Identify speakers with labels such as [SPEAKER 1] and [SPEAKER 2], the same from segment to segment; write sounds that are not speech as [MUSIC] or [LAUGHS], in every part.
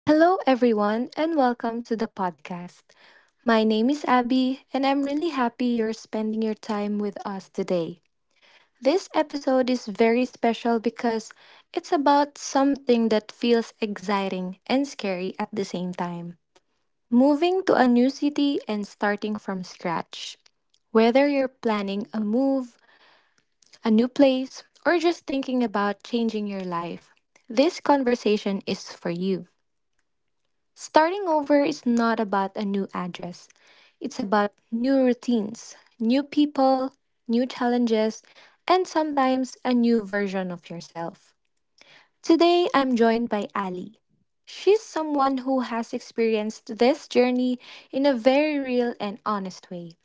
[SPEAKER 1] Hello, everyone, and welcome to the podcast. My name is Abby, and I'm really happy you're spending your time with us today. This episode is very special because it's about something that feels exciting and scary at the same time: moving to a new city and starting from scratch. Whether you're planning a move, a new place, or just thinking about changing your life, this conversation is for you. Starting over is not about a new address. It's about new routines, new people, new challenges, and sometimes a new version of yourself. Today, I'm joined by Ali. She's someone who has experienced this journey in a very real and honest way.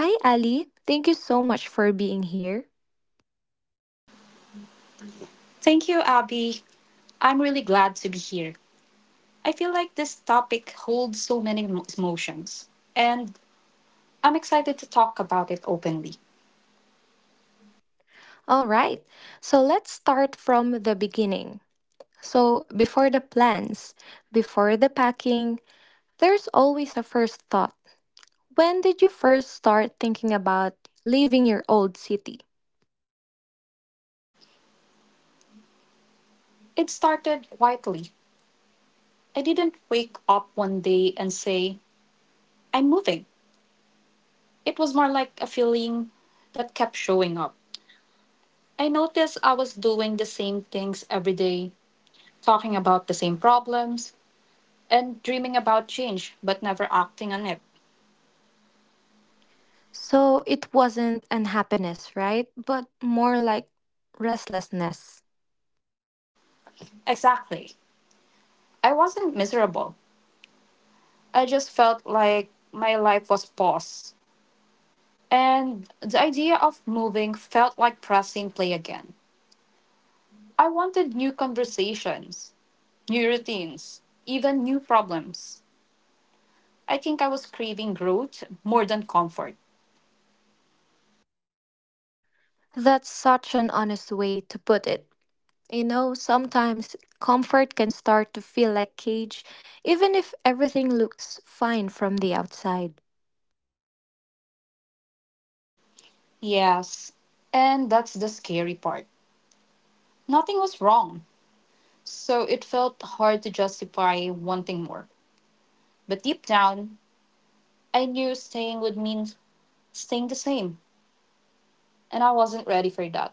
[SPEAKER 1] Hi, Ali. Thank you so much for being here.
[SPEAKER 2] Thank you, Abby. I'm really glad to be here. I feel like this topic holds so many emotions, and I'm excited to talk about it openly.
[SPEAKER 1] All right, so let's start from the beginning. So before the plans, before the packing, there's always a first thought. When did you first start thinking about leaving your old city?
[SPEAKER 2] It started quietly. I didn't wake up one day and say, I'm moving. It was more like a feeling that kept showing up. I noticed I was doing the same things every day, talking about the same problems, and dreaming about change, but never acting on it.
[SPEAKER 1] So it wasn't unhappiness, right? But more like restlessness.
[SPEAKER 2] Exactly. I wasn't miserable. I just felt like my life was paused. And the idea of moving felt like pressing play again. I wanted new conversations, new routines, even new problems. I think I was craving growth more than comfort.
[SPEAKER 1] That's such an honest way to put it. You know, sometimes comfort can start to feel like cage, even if everything looks fine from the outside.
[SPEAKER 2] Yes, and that's the scary part. Nothing was wrong, so it felt hard to justify wanting more. But deep down, I knew staying would mean staying the same, and I wasn't ready for that.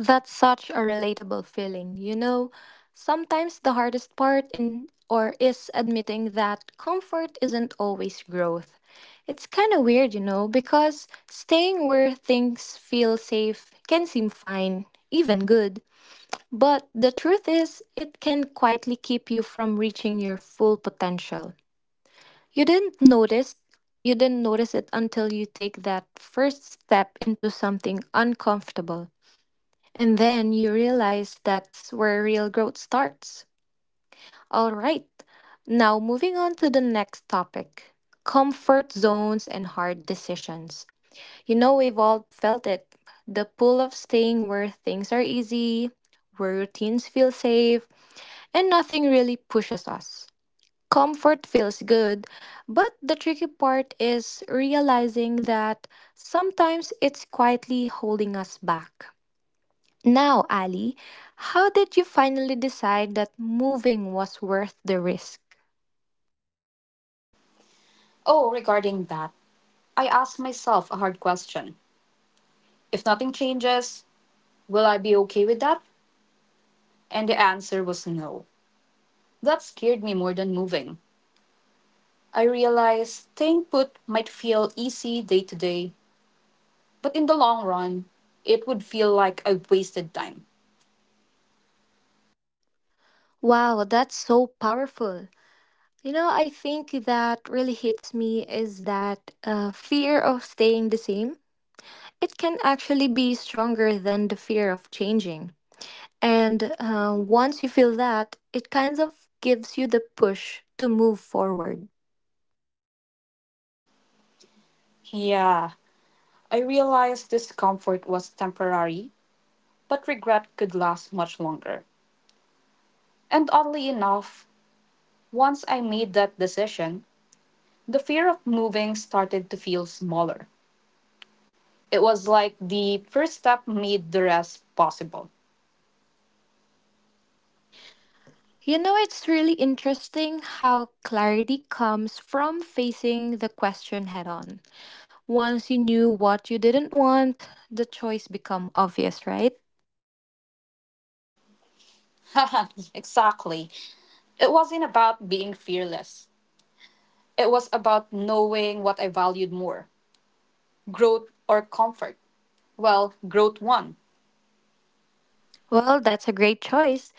[SPEAKER 1] That's such a relatable feeling. You know, sometimes the hardest part in or is admitting that comfort isn't always growth. It's kind of weird, you know, because staying where things feel safe can seem fine, even good. But the truth is, it can quietly keep you from reaching your full potential. You didn't notice you didn't notice it until you take that first step into something uncomfortable. And then you realize that's where real growth starts. All right, now moving on to the next topic: comfort zones and hard decisions. You know, we've all felt it, the pull of staying where things are easy, where routines feel safe, and nothing really pushes us. Comfort feels good, but the tricky part is realizing that sometimes it's quietly holding us back. Now, Ali, how did you finally decide that moving was worth the risk?
[SPEAKER 2] Oh, regarding that, I ask myself a hard question. If nothing changes, will I be okay with that? And the answer was no. That scared me more than moving. I realized staying put might feel easy day to day, but in the long run, it would feel like I wasted time.
[SPEAKER 1] Wow, that's so powerful. You know, I think that really hits me is that fear of staying the same. It can actually be stronger than the fear of changing. And once you feel that, it kind of gives you the push to move forward.
[SPEAKER 2] Yeah, I realized discomfort was temporary, but regret could last much longer. And oddly enough, once I made that decision, the fear of moving started to feel smaller. It was like the first step made the rest possible.
[SPEAKER 1] You know, it's really interesting how clarity comes from facing the question head on. Once you knew what you didn't want, the choice become obvious, right?
[SPEAKER 2] [LAUGHS] Exactly. It wasn't about being fearless. It was about knowing what I valued more, growth or comfort. Well, growth one.
[SPEAKER 1] Well, that's a great choice.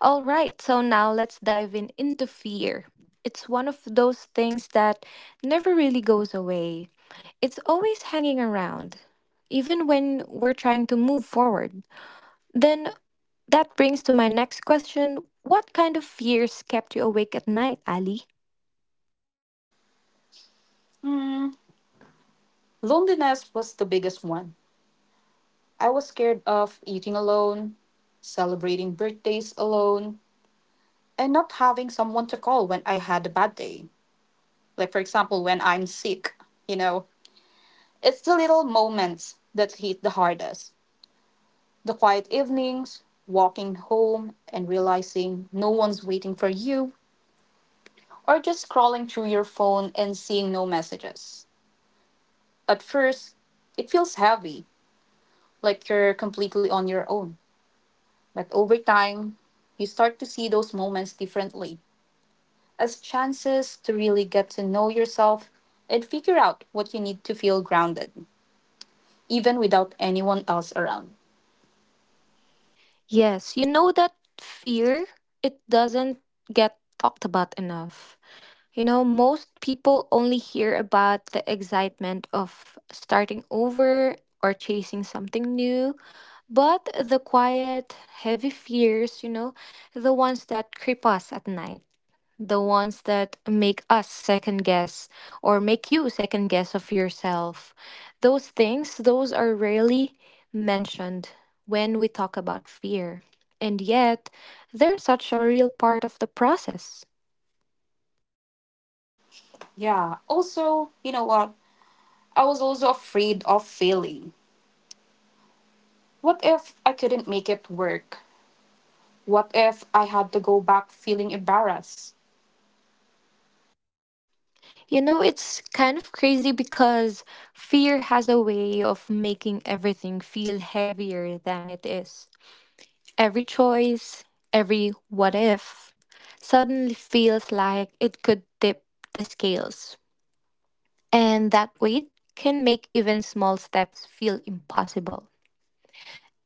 [SPEAKER 1] All right, so now let's dive in into fear. It's one of those things that never really goes away. It's always hanging around, even when we're trying to move forward. Then that brings to my next question. What kind of fears kept you awake at night, Ali?
[SPEAKER 2] Hmm, Loneliness was the biggest one. I was scared of eating alone, celebrating birthdays alone, and not having someone to call when I had a bad day. Like, for example, when I'm sick, you know, it's the little moments that hit the hardest. The quiet evenings, walking home and realizing no one's waiting for you, or just scrolling through your phone and seeing no messages. At first, it feels heavy, like you're completely on your own. But over time, you start to see those moments differently as chances to really get to know yourself and figure out what you need to feel grounded, even without anyone else around.
[SPEAKER 1] Yes, you know that fear, it doesn't get talked about enough. You know, most people only hear about the excitement of starting over or chasing something new, but the quiet, heavy fears, you know, the ones that creep us at night, the ones that make us second guess or make you second guess of yourself, those things, those are rarely mentioned when we talk about fear. And yet they're such a real part of the process.
[SPEAKER 2] Yeah, also, you know what? I was also afraid of failing. What if I couldn't make it work? What if I had to go back feeling embarrassed?
[SPEAKER 1] You know, it's kind of crazy because fear has a way of making everything feel heavier than it is. Every choice, every what if, suddenly feels like it could tip the scales. And that weight can make even small steps feel impossible.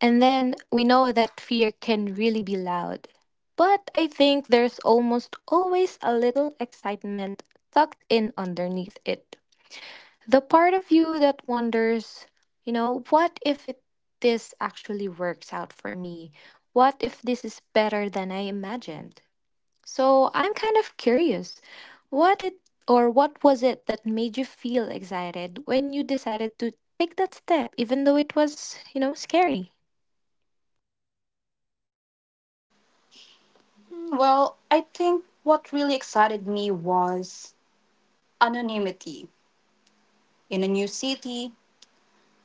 [SPEAKER 1] And then we know that fear can really be loud. But I think there's almost always a little excitement tucked in underneath it. The part of you that wonders, you know, what if it, this actually works out for me? What if this is better than I imagined? So I'm kind of curious. What it or what was it that made you feel excited when you decided to take that step even though it was, you know, scary?
[SPEAKER 2] Hmm. Well, I think what really excited me was anonymity. In a new city,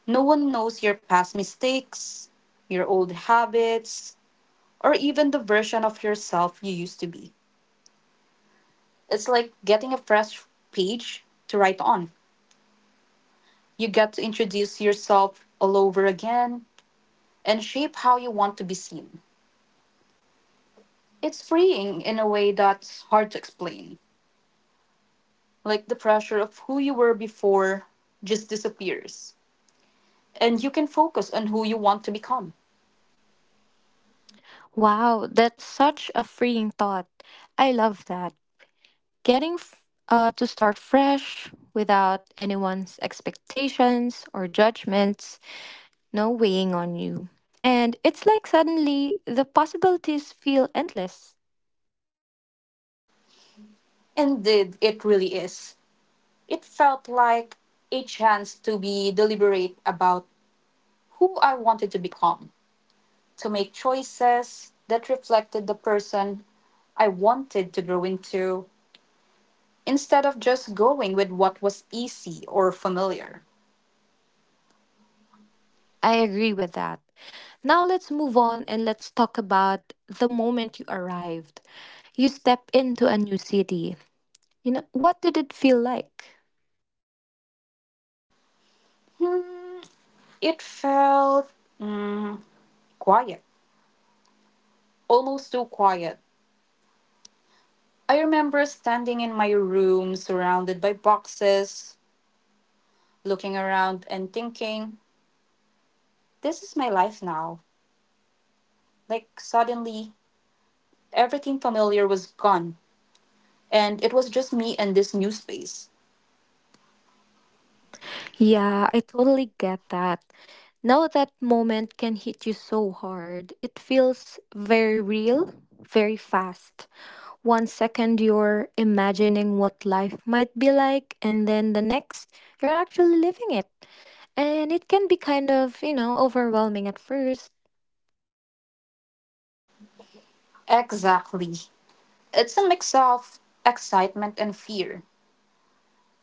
[SPEAKER 2] no one knows your past mistakes, your old habits, or even the version of yourself you used to be. It's like getting a fresh page to write on. You get to introduce yourself all over again and shape how you want to be seen. It's freeing in a way that's hard to explain. Like, the pressure of who you were before just disappears. And you can focus on who you want to become.
[SPEAKER 1] Wow, that's such a freeing thought. I love that. Getting f- to start fresh without anyone's expectations or judgments, no weighing on you. And it's like suddenly the possibilities feel endless.
[SPEAKER 2] Indeed, it really is. It felt like a chance to be deliberate about who I wanted to become, to make choices that reflected the person I wanted to grow into, instead of just going with what was easy or familiar.
[SPEAKER 1] I agree with that. Now let's move on and let's talk about the moment you arrived. You step into a new city. You know, what did it feel like?
[SPEAKER 2] Hmm, it felt mm, quiet, almost too quiet. I remember standing in my room surrounded by boxes, looking around and thinking, this is my life now. Like, suddenly, everything familiar was gone, and it was just me and this new space.
[SPEAKER 1] Yeah, I totally get that. Now that moment can hit you so hard. It feels very real, very fast. One second you're imagining what life might be like, and then the next you're actually living it. And it can be kind of, you know, overwhelming at first.
[SPEAKER 2] Exactly. It's a mix of excitement and fear.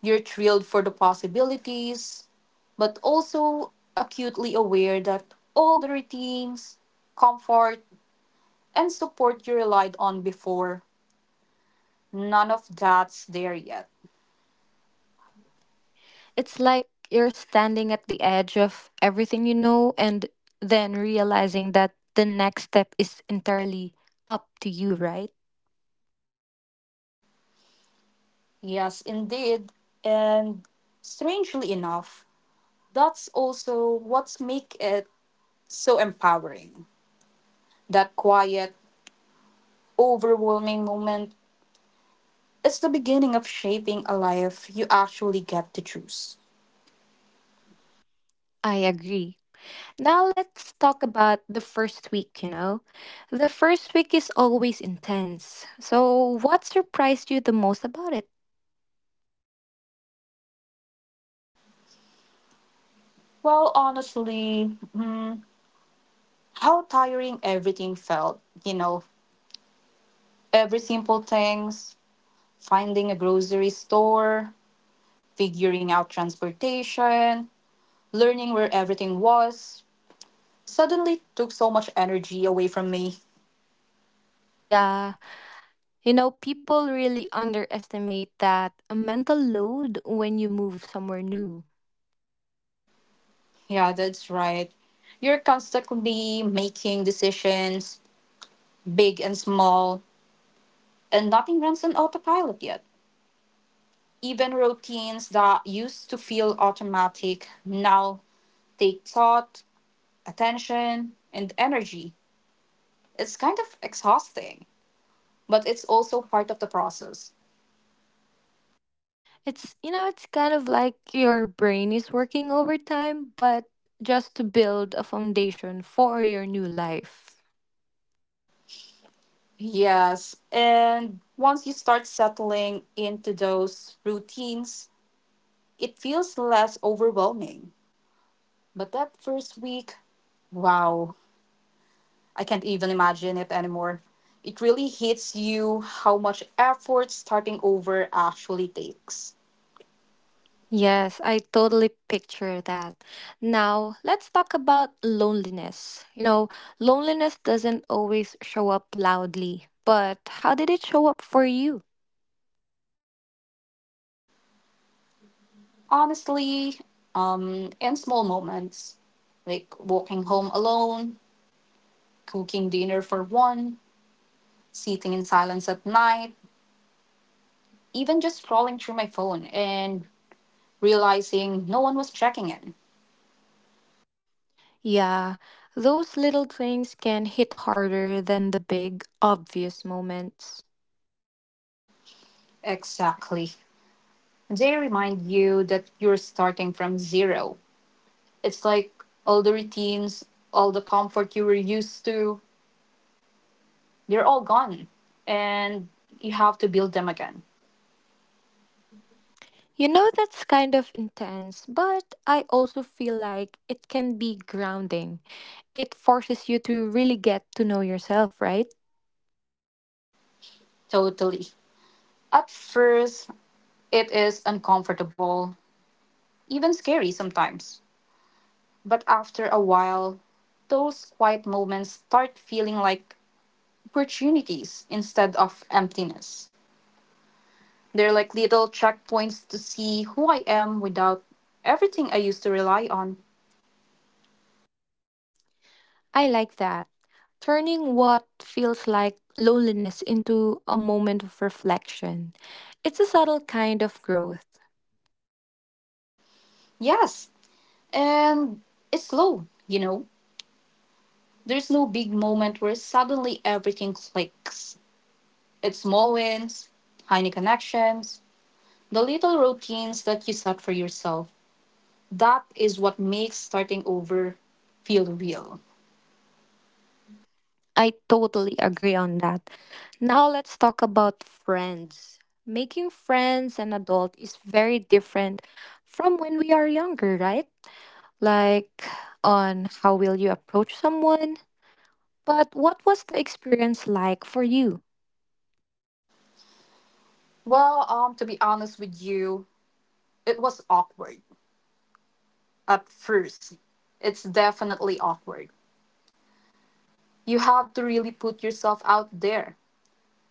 [SPEAKER 2] You're thrilled for the possibilities, but also acutely aware that all the routines, comfort, and support you relied on before, none of that's there yet.
[SPEAKER 1] It's like you're standing at the edge of everything you know and then realizing that the next step is entirely up to you, right?
[SPEAKER 2] Yes, indeed. And strangely enough, that's also what's make it so empowering. That quiet, overwhelming moment is the beginning of shaping a life you actually get to choose.
[SPEAKER 1] I agree. Now let's talk about the first week, you know. The first week is always intense. So what surprised you the most about it?
[SPEAKER 2] Well, honestly, how tiring everything felt, every simple things, finding a grocery store, figuring out transportation, learning where everything was, suddenly took so much energy away from me.
[SPEAKER 1] Yeah, you know, people really underestimate that mental load when you move somewhere new.
[SPEAKER 2] Yeah, that's right. You're constantly making decisions, big and small, and nothing runs on autopilot yet. Even routines that used to feel automatic now take thought, attention, and energy. It's kind of exhausting, but it's also part of the process.
[SPEAKER 1] It's, you know, it's kind of like your brain is working overtime, but just to build a foundation for your new life.
[SPEAKER 2] Yes, and once you start settling into those routines, it feels less overwhelming. But that first week, wow, I can't even imagine it anymore. It really hits you how much effort starting over actually takes.
[SPEAKER 1] Yes, I totally picture that. Now, let's talk about loneliness. You know, loneliness doesn't always show up loudly, but how did it show up for you?
[SPEAKER 2] Honestly, in small moments, like walking home alone, cooking dinner for one, sitting in silence at night, even just scrolling through my phone and realizing no one was checking in.
[SPEAKER 1] Yeah, those little things can hit harder than the big, obvious moments.
[SPEAKER 2] Exactly. They remind you that you're starting from zero. It's like all the routines, all the comfort you were used to, they're all gone. And you have to build them again.
[SPEAKER 1] You know, that's kind of intense, but I also feel like it can be grounding. It forces you to really get to know yourself, right?
[SPEAKER 2] Totally. At first, it is uncomfortable, even scary sometimes. But after a while, those quiet moments start feeling like opportunities instead of emptiness. They're like little checkpoints to see who I am without everything I used to rely on.
[SPEAKER 1] I like that. Turning what feels like loneliness into a moment of reflection. It's a subtle kind of growth.
[SPEAKER 2] Yes, and it's slow, you know. There's no big moment where suddenly everything clicks. It's small wins, tiny connections, the little routines that you set for yourself. That is what makes starting over feel real.
[SPEAKER 1] I totally agree on that. Now let's talk about friends. Making friends an adult is very different from when we are younger, right? Like on how will you approach someone. But what was the experience like for you?
[SPEAKER 2] Well, to be honest with you, it was awkward at first. It's definitely awkward. You have to really put yourself out there.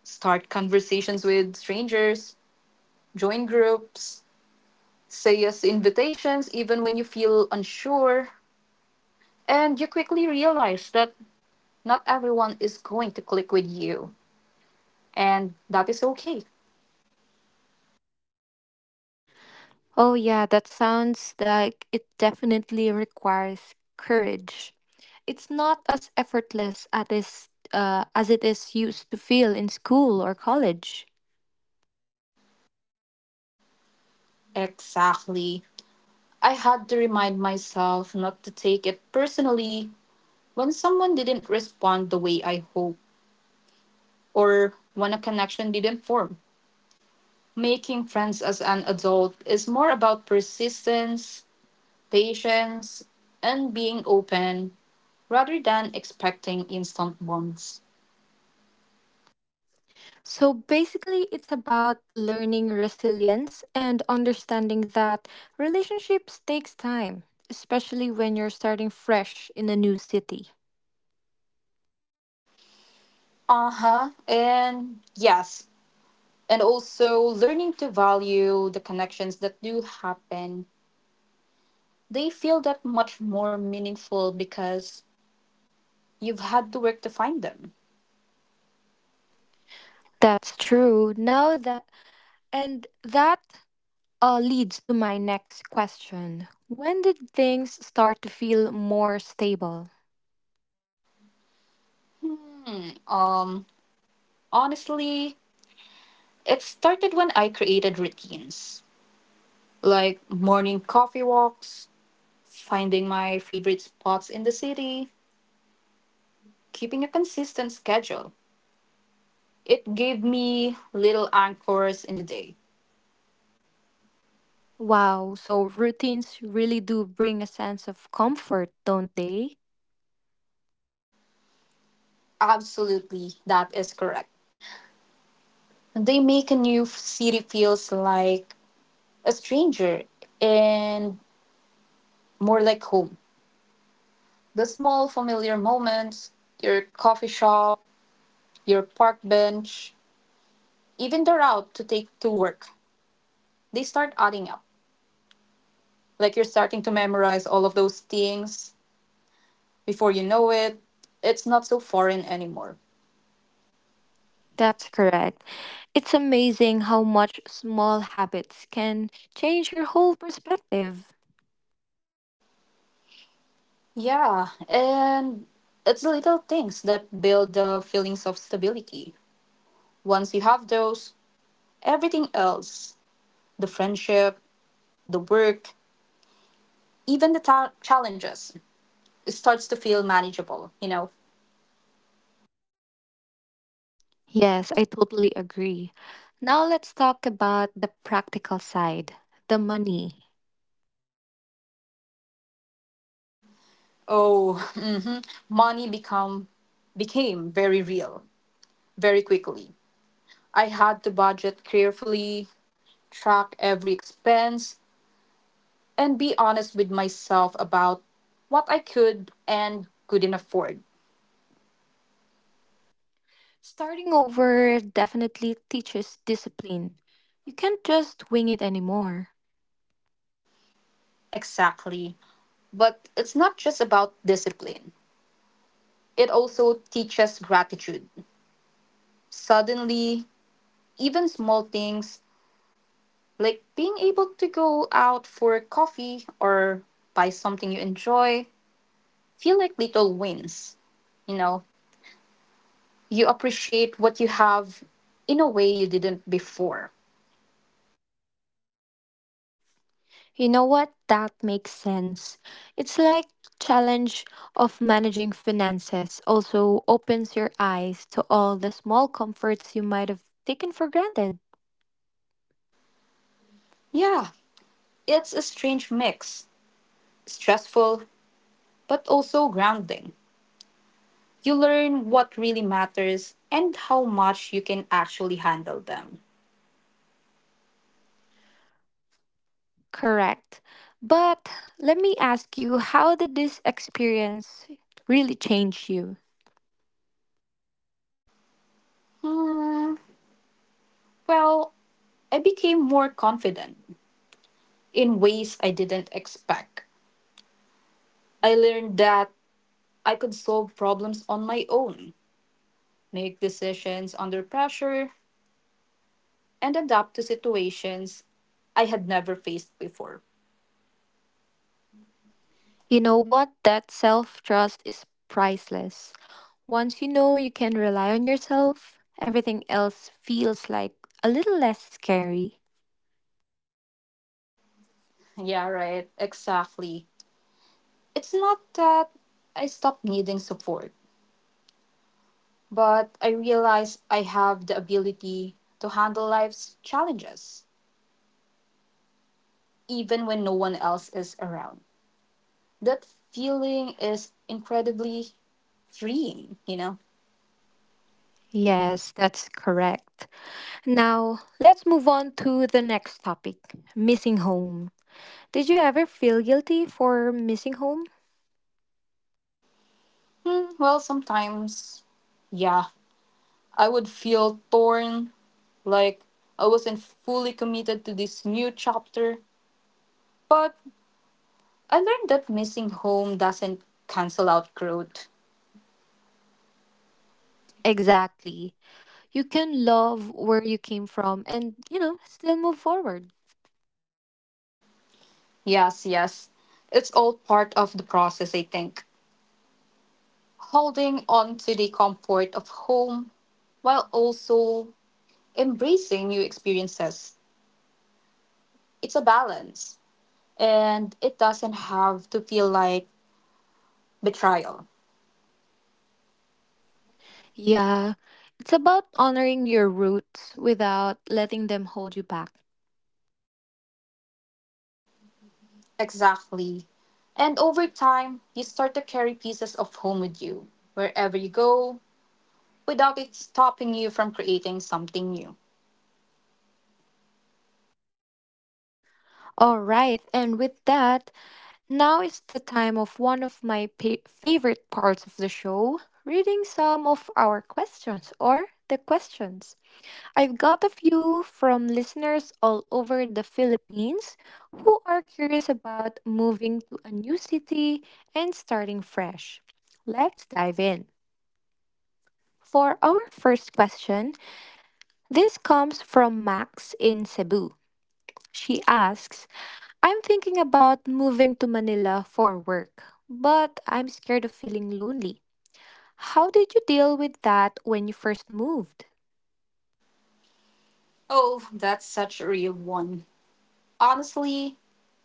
[SPEAKER 2] Start conversations with strangers, join groups, say yes to invitations even when you feel unsure. And you quickly realize that not everyone is going to click with you, and that is okay.
[SPEAKER 1] Oh yeah, that sounds like it definitely requires courage. It's not as effortless at is, As it is used to feel in school or college.
[SPEAKER 2] Exactly. I had to remind myself not to take it personally when someone didn't respond the way I hoped or when a connection didn't form. Making friends as an adult is more about persistence, patience, and being open rather than expecting instant bonds.
[SPEAKER 1] So basically, it's about learning resilience and understanding that relationships takes time, especially when you're starting fresh in a new city.
[SPEAKER 2] Uh huh. And yes, and also learning to value the connections that do happen, they feel that much more meaningful because you've had to work to find them.
[SPEAKER 1] That's true. Now that and that leads to my next question. When did things start to feel more stable?
[SPEAKER 2] Hmm. Um. Honestly, it started when I created routines like morning coffee walks, finding my favorite spots in the city, keeping a consistent schedule. It gave me little anchors in the day.
[SPEAKER 1] Wow, so routines really do bring a sense of comfort, don't they?
[SPEAKER 2] Absolutely, that is correct. They make a new city feels like a stranger and more like home. The small familiar moments, your coffee shop, your park bench, even the route to take to work, they start adding up. Like, you're starting to memorize all of those things before you know it, it's not so foreign anymore.
[SPEAKER 1] That's correct. It's amazing how much small habits can change your whole perspective.
[SPEAKER 2] Yeah, and it's the little things that build the feelings of stability. Once you have those, everything else, the friendship, the work, even the challenges, starts to feel manageable, you know.
[SPEAKER 1] Yes, I totally agree. Now let's talk about the practical side, the money.
[SPEAKER 2] oh mhm. Money become became very real very quickly. I had to budget carefully, track every expense, and be honest with myself about what I could and couldn't afford.
[SPEAKER 1] Starting over definitely teaches discipline. You can't just wing it anymore.
[SPEAKER 2] Exactly. But it's not just about discipline, it also teaches gratitude. Suddenly, even small things, like being able to go out for coffee or buy something you enjoy, feel like little wins. You know, you appreciate what you have in a way you didn't before.
[SPEAKER 1] You know what? That makes sense. It's like challenge of managing finances also opens your eyes to all the small comforts you might have taken for granted.
[SPEAKER 2] Yeah, it's a strange mix, stressful, but also grounding. You learn what really matters and how much you can actually handle them.
[SPEAKER 1] Correct. But let me ask you, how did this experience really change you?
[SPEAKER 2] Hmm, well, I became more confident in ways I didn't expect. I learned that I could solve problems on my own, make decisions under pressure, and adapt to situations I had never faced before.
[SPEAKER 1] You know what? That self trust is priceless. Once you know you can rely on yourself, everything else feels like a little less scary.
[SPEAKER 2] Yeah, right, exactly. It's not that I stopped needing support, but I realized I have the ability to handle life's challenges, even when no one else is around. That feeling is incredibly freeing, you know?
[SPEAKER 1] Yes, that's correct. Now let's move on to the next topic: missing home. Did you ever feel guilty for missing home?
[SPEAKER 2] Hmm, well, sometimes yeah, I would feel torn. Like, I wasn't fully committed to this new chapter, but I learned that missing home doesn't cancel out growth.
[SPEAKER 1] Exactly. You can love where you came from and, you know, still move forward.
[SPEAKER 2] Yes, yes. It's all part of the process, I think. Holding on to the comfort of home while also embracing new experiences. It's a balance, and it doesn't have to feel like betrayal.
[SPEAKER 1] Yeah, it's about honoring your roots without letting them hold you back.
[SPEAKER 2] Exactly. And over time, you start to carry pieces of home with you. Wherever you go, without it stopping you from creating something new.
[SPEAKER 1] All right, and with that, now is the time of one of my favorite parts of the show: reading some of our questions or the questions. I've got a few from listeners all over the Philippines who are curious about moving to a new city and starting fresh. Let's dive in. For our first question, this comes from Max in Cebu. She asks, I'm thinking about moving to Manila for work, but I'm scared of feeling lonely. How did you deal with that when you first moved?
[SPEAKER 2] Oh, that's such a real one. Honestly,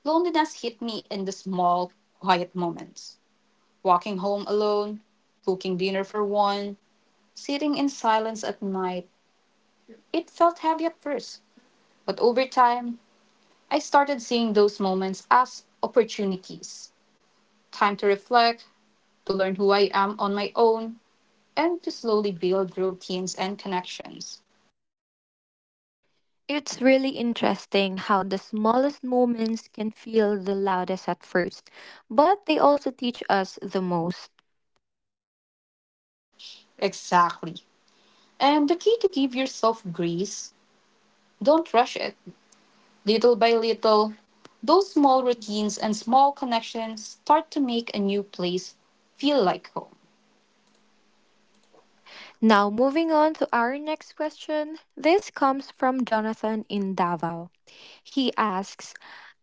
[SPEAKER 2] loneliness hit me in the small, quiet moments. Walking home alone, cooking dinner for one, sitting in silence at night. It felt heavy at first, but over time, I started seeing those moments as opportunities, time to reflect, to learn who I am on my own, and to slowly build routines and connections.
[SPEAKER 1] It's really interesting how the smallest moments can feel the loudest at first, but they also teach us the most.
[SPEAKER 2] Exactly. And the key to give yourself grace, don't rush it. Little by little, those small routines and small connections start to make a new place feel like home.
[SPEAKER 1] Now, moving on to our next question. This comes from Jonathan in Davao. He asks,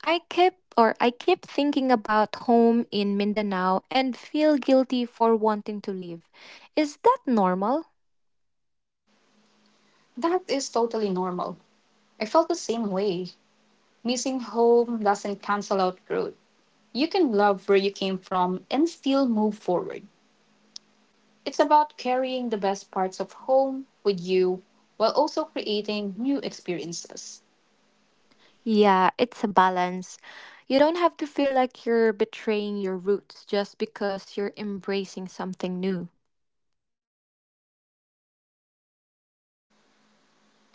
[SPEAKER 1] I keep thinking about home in Mindanao and feel guilty for wanting to leave. Is that normal?
[SPEAKER 2] That is totally normal. I felt the same way. Missing home doesn't cancel out growth. You can love where you came from and still move forward. It's about carrying the best parts of home with you while also creating new experiences.
[SPEAKER 1] Yeah, it's a balance. You don't have to feel like you're betraying your roots just because you're embracing something new.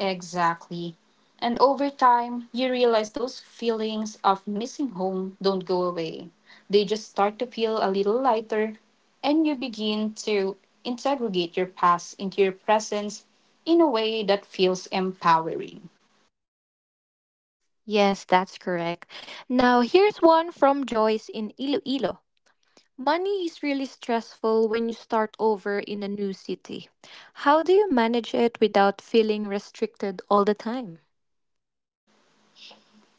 [SPEAKER 2] Exactly. And over time, you realize those feelings of missing home don't go away. They just start to feel a little lighter, and you begin to integrate your past into your presence in a way that feels empowering.
[SPEAKER 1] Yes, that's correct. Now, here's one from Joyce in Iloilo. Money is really stressful when you start over in a new city. How do you manage it without feeling restricted all the time?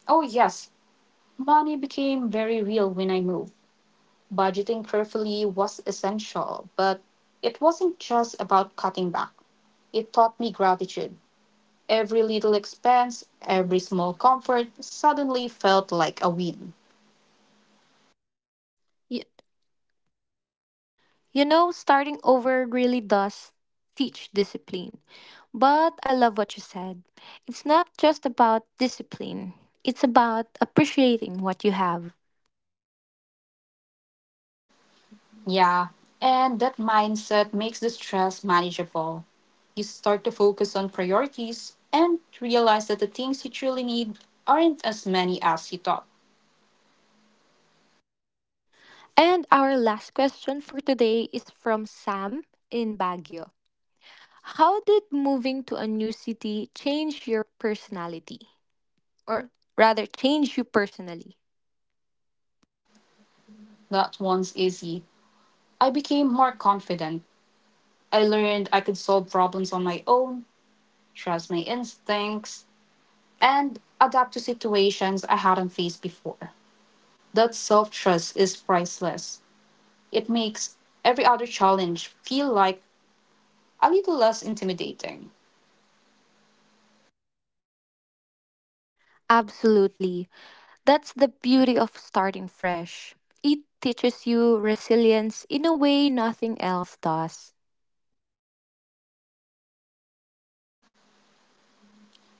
[SPEAKER 2] Oh, yes, money became very real when I moved. Budgeting carefully was essential, but it wasn't just about cutting back, it taught me gratitude. Every little expense, every small comfort suddenly felt like a win.
[SPEAKER 1] You, you know, starting over really does teach discipline. But I love what you said. It's not just about discipline, it's about appreciating what you have.
[SPEAKER 2] Yeah, and that mindset makes the stress manageable. You start to focus on priorities and realize that the things you truly need aren't as many as you thought.
[SPEAKER 1] And our last question for today is from Sam in Baguio. How did moving to a new city change your personality? Or rather change you personally.
[SPEAKER 2] That one's easy. I became more confident. I learned I could solve problems on my own, trust my instincts, and adapt to situations I hadn't faced before. That self trust is priceless. It makes every other challenge feel like a little less intimidating.
[SPEAKER 1] Absolutely. That's the beauty of starting fresh. It teaches you resilience in a way nothing else does.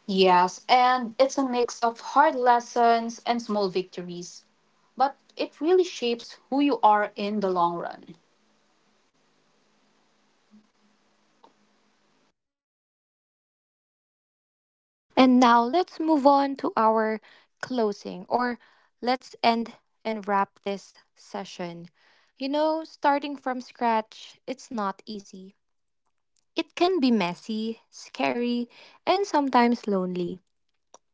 [SPEAKER 2] Yes, and it's a mix of hard lessons and small victories, but it really shapes who you are in the long run.
[SPEAKER 1] And now let's move on to our closing, or let's end and wrap this session. You know, starting from scratch, it's not easy. It can be messy, scary, and sometimes lonely.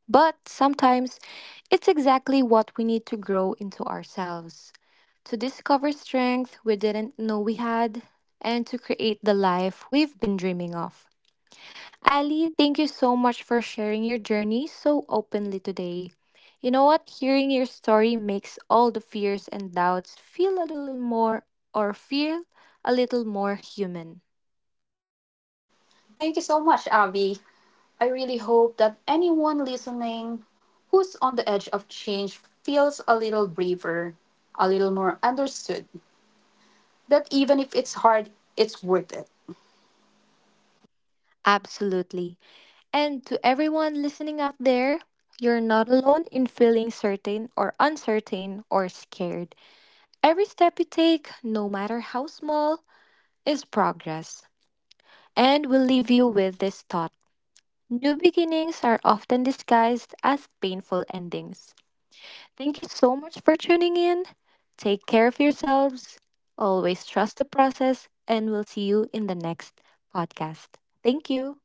[SPEAKER 1] But sometimes it's exactly what we need to grow into ourselves, to discover strength we didn't know we had, and to create the life we've been dreaming of. Ali, thank you so much for sharing your journey so openly today. You know what? Hearing your story makes all the fears and doubts feel a little more or feel a little more human.
[SPEAKER 2] Thank you so much, Abby. I really hope that anyone listening who's on the edge of change feels a little braver, a little more understood, that even if it's hard, it's worth it.
[SPEAKER 1] Absolutely. And to everyone listening out there, you're not alone in feeling certain or uncertain or scared. Every step you take, no matter how small, is progress. And we'll leave you with this thought: new beginnings are often disguised as painful endings. Thank you so much for tuning in. Take care of yourselves, always trust the process, and we'll see you in the next podcast. Thank you.